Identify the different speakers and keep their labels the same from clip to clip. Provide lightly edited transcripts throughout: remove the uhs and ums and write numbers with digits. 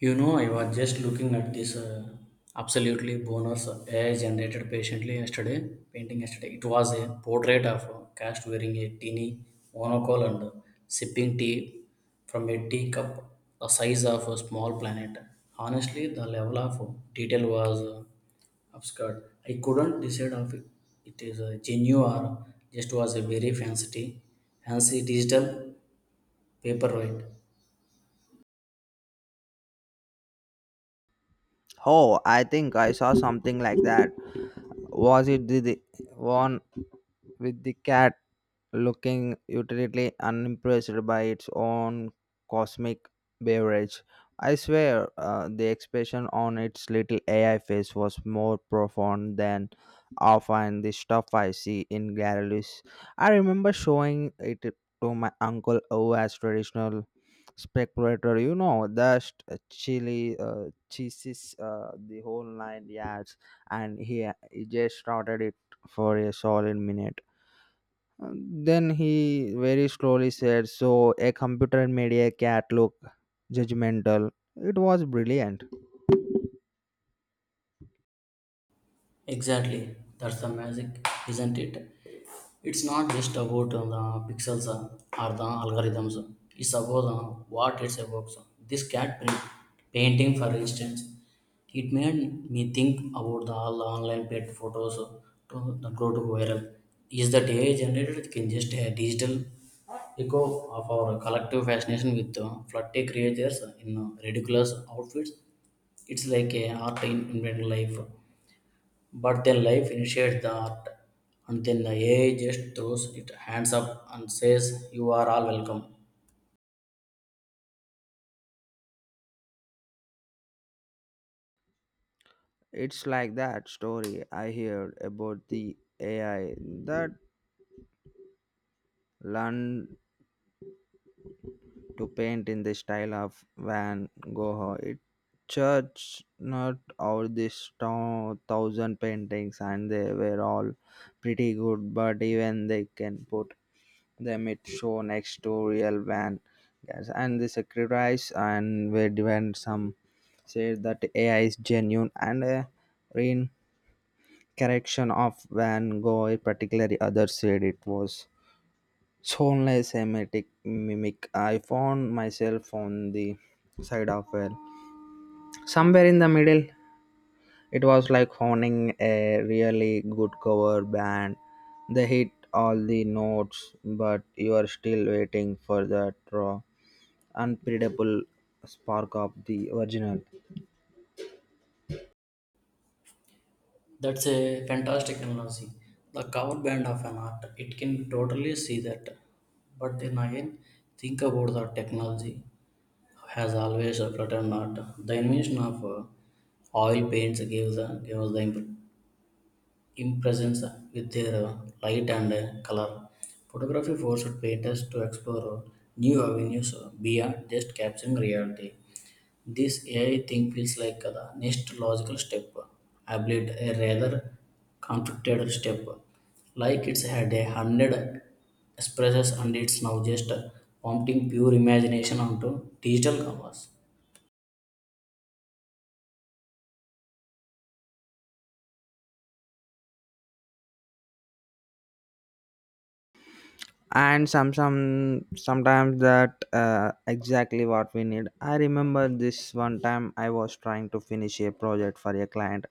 Speaker 1: You know, I was just looking at this absolutely bonus AI generated patiently yesterday, painting yesterday. It was a portrait of a cast wearing a teeny monocle and sipping tea from a teacup the size of a small planet. Honestly, the level of detail was obscured. I couldn't decide if it is a genuine or just was a very fancy, fancy digital paperweight.
Speaker 2: Oh, I think I saw something like that. Was it the one with the cat looking utterly unimpressed by its own cosmic beverage? I swear, the expression on its little AI face was more profound than often the stuff I see in galleries. I remember showing it to my uncle who as traditional speculator just chili cheeses the whole nine yards, and he just started it for a solid minute. Uh, Then he very slowly said, "So a computer made a cat look judgmental." It was brilliant.
Speaker 1: Exactly, that's the magic, isn't it? It's not just about the pixels or the algorithms. It's about what it's about. So this cat print painting, for instance, it made me think about the all online pet photos to the go to viral. Is that AI generated can just a digital echo of our collective fascination with flirty creatures in ridiculous outfits? It's like a art in invented life but then life initiates the art, and then the AI just throws it hands up and says, "You are all welcome."
Speaker 2: It's like that story I heard about the AI that learned to paint in the style of Van Gogh. It." church not all these town, thousand paintings, and they were all pretty good, but even they can put them it show next to real van gas and they sacrifice and where even some say that ai is genuine and a reincarnation of van gogh particularly others said it was soulless emetic mimic I found myself on the side of well somewhere in the middle. It was like honing a really good cover band. They hit all the notes, but you are still waiting for that raw, unpredictable spark of the original.
Speaker 1: That's a fantastic analogy. The cover band of an art, it can totally see that. But then again, think about the technology has always threatened art. The invention of oil paints gave gave us the impression in presence with their light and color. Photography forced painters to explore new avenues beyond just capturing reality. This AI thing feels like the next logical step, I believe a rather conflicted step. Like it's had a hundred expresses and it's now just prompting pure imagination onto digital canvas.
Speaker 2: And some Sometimes that exactly what we need. I remember this one time I was trying to finish a project for a client,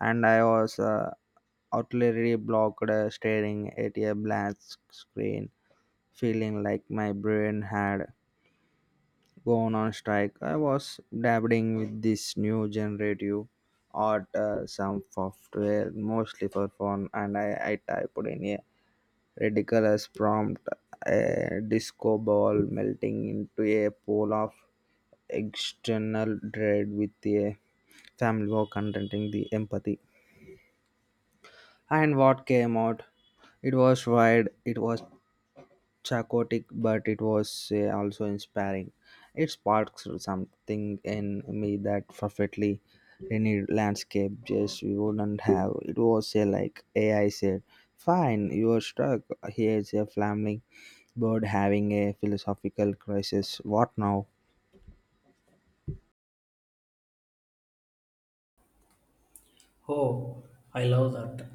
Speaker 2: and I was utterly blocked, staring at a blank screen, feeling like my brain had gone on strike. I was dabbling with this new generative art, some software, mostly for fun, and I typed in a ridiculous prompt, a disco ball melting into a pool of external dread with a family war contenting the empathy. And what came out? It was wide, it was chaotic, but it was also inspiring. It sparks something in me that perfectly any landscape just we wouldn't have. It was like ai said, fine, you are stuck, here's a flaming bird having a philosophical crisis, what now?
Speaker 1: Oh, I love that.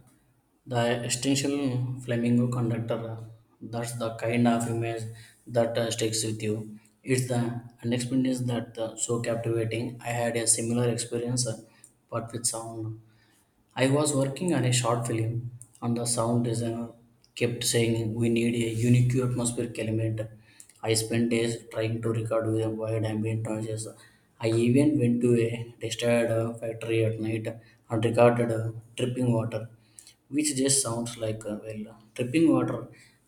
Speaker 1: The extension flamingo conductor, that's the kind of image that sticks with you. It's the unexpected that so captivating. I had a similar experience, but with sound. I was working on a short film, and the sound designer kept saying we need a unique atmospheric element. I spent days trying to record with a wide ambient noises. I even went to a tested factory at night and recorded dripping water which just sounds like well tripping water.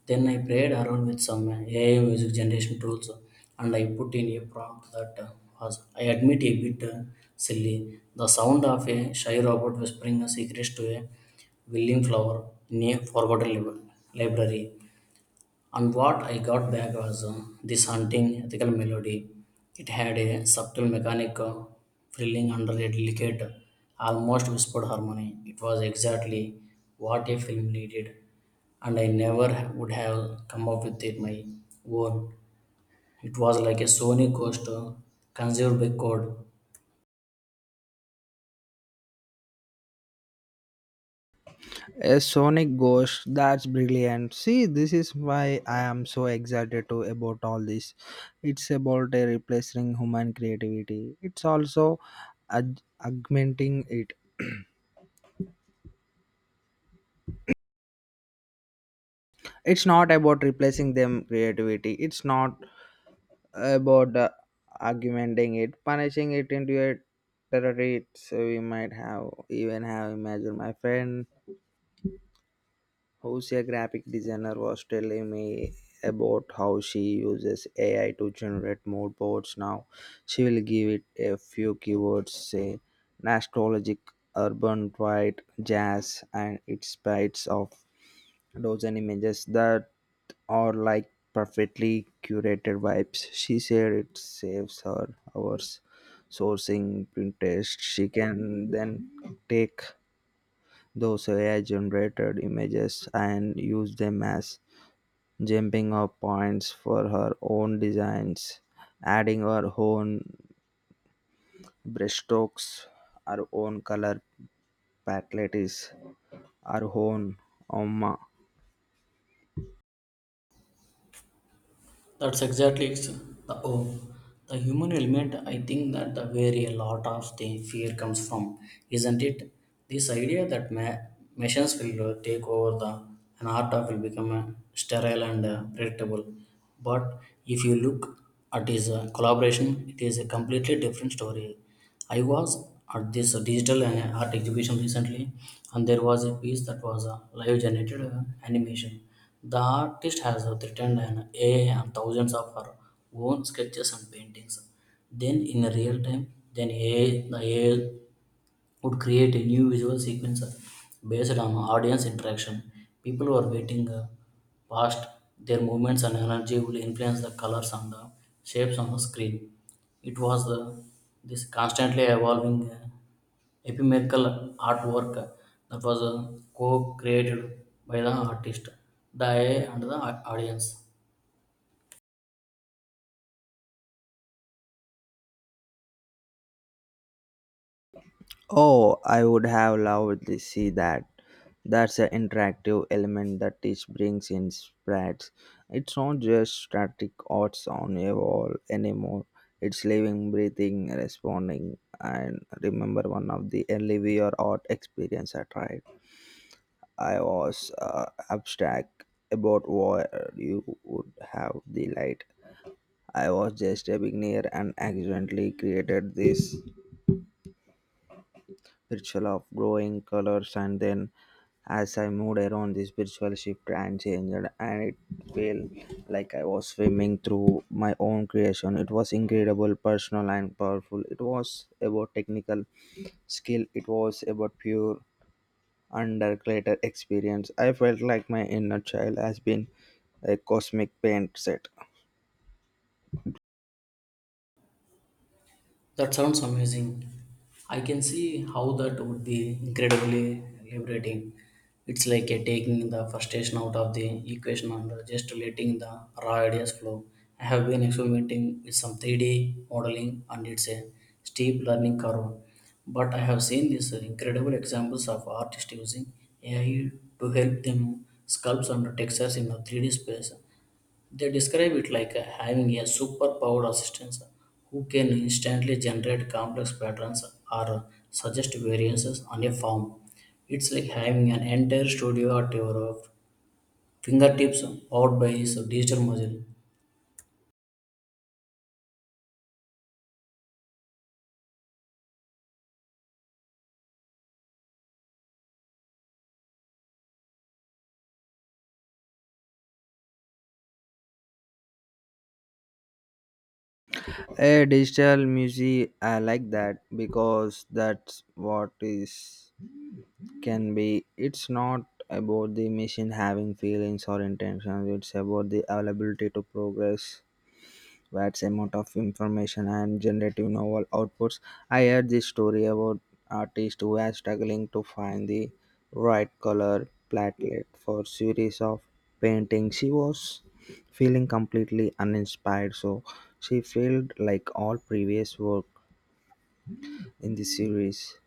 Speaker 1: Then I played around with some AI music generation tools, and I put in a prompt that was, I admit, a bit silly. The sound of a shy robot whispering a secret to a willing flower in a forgotten library, and what I got back was this haunting ethical melody. It had a subtle mechanic, thrilling under a delicate, almost whispered harmony. It was exactly what a film needed, and I never would have come up with it my own. It was like a Sony ghost conceived by code.
Speaker 2: A sonic ghost. That's brilliant. See, this is why I am so excited to about all this. It's about a replacing human creativity. It's also augmenting it. It's not about replacing them creativity. It's not about augmenting it, punishing it into a territory. So we might have even have imagined. My friend, who's a graphic designer, was telling me about how she uses AI to generate mood boards now. She will give it a few keywords, say nostalgic, urban, white, jazz, and it spits off dozen images that are like perfectly curated vibes. She said it saves her hours sourcing Pinterest. She can then take those AI generated images and use them as jumping up points for her own designs, adding her own brushstrokes, her own color palettes, her own oma.
Speaker 1: That's exactly it's the oh, the human element. I think that the where a lot of the fear comes from, isn't it? This idea that machines will take over the an art of will become sterile and predictable. But if you look at his collaboration, it is a completely different story. I was at this digital art exhibition recently, and there was a piece that was a live generated animation the artist has written an AI and thousands of her own sketches and paintings. Then, in real time, the AI would create a new visual sequence based on audience interaction. People were waiting past their movements and energy will influence the colors and the shapes on the screen. It was this constantly evolving, ephemeral artwork that was co-created by the artist, the AI and the audience.
Speaker 2: Oh, I would have loved to see that. That's an interactive element that each brings in spreads. It's not just static odds on a wall anymore. It's living, breathing, responding, and remember one of the early VR art experience I tried. I was abstract about where you would have the light. I was just a beginner and accidentally created this ritual of growing colors, and then as I moved around, this spiritual shift and changed, and it felt like I was swimming through my own creation. It was incredible, personal, and powerful. It was about technical skill, it was about pure undergraduate experience. I felt like my inner child has been a cosmic paint set.
Speaker 1: That sounds amazing. I can see how that would be incredibly liberating. It's like a taking the frustration out of the equation and just letting the raw ideas flow. I have been experimenting with some 3D modeling and it's a steep learning curve. But I have seen these incredible examples of artists using AI to help them sculpt and textures in a 3D space. They describe it like having a superpowered assistant who can instantly generate complex patterns or suggest variances on a form. It's like having an entire studio at your fingertips powered by his digital muscle.
Speaker 2: A digital museum, I like that because that's what is can be. It's not about the machine having feelings or intentions. It's about the availability to progress vast amount of information and generative novel outputs. I heard this story about artist who are struggling to find the right color palette for series of painting. She was feeling completely uninspired, so she failed like all previous work in the series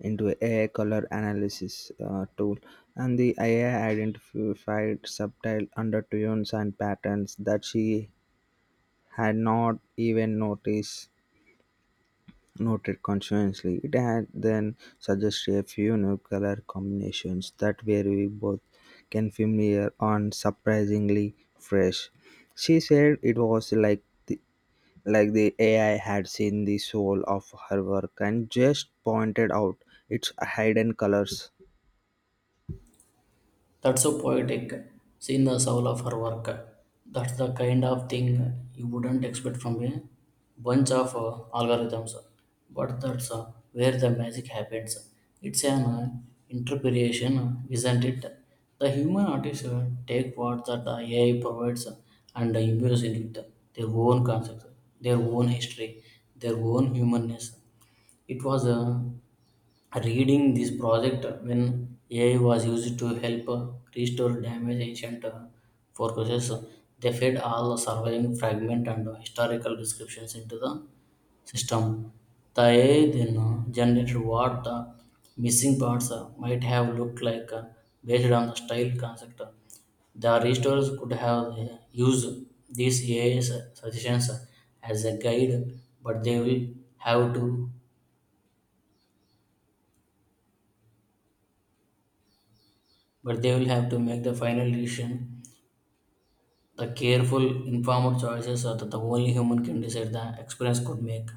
Speaker 2: into a color analysis tool, and the AI identified subtle undertones and patterns that she had not even noticed. Noted conscientiously. It had then suggested a few new color combinations that were we both can familiar and surprisingly fresh. She said it was like the AI had seen the soul of her work and just pointed out its hidden colors.
Speaker 1: That's so poetic. Seeing the soul of her work. That's the kind of thing you wouldn't expect from a bunch of algorithms. But that's where the magic happens. It's an interpretation, isn't it? The human artists take what that the AI provides and imbues into it their own concepts, their own history, their own humanness. It was reading this project when AI was used to help restore damaged ancient fortresses. They fed all surviving fragment and historical descriptions into the system. The AI then generated what the missing parts might have looked like based on the style concept. The restorers could have used these AI suggestions as a guide, but they will have to but they will have to make the final decision. The careful, informed choices are that the only human can decide the experience could make.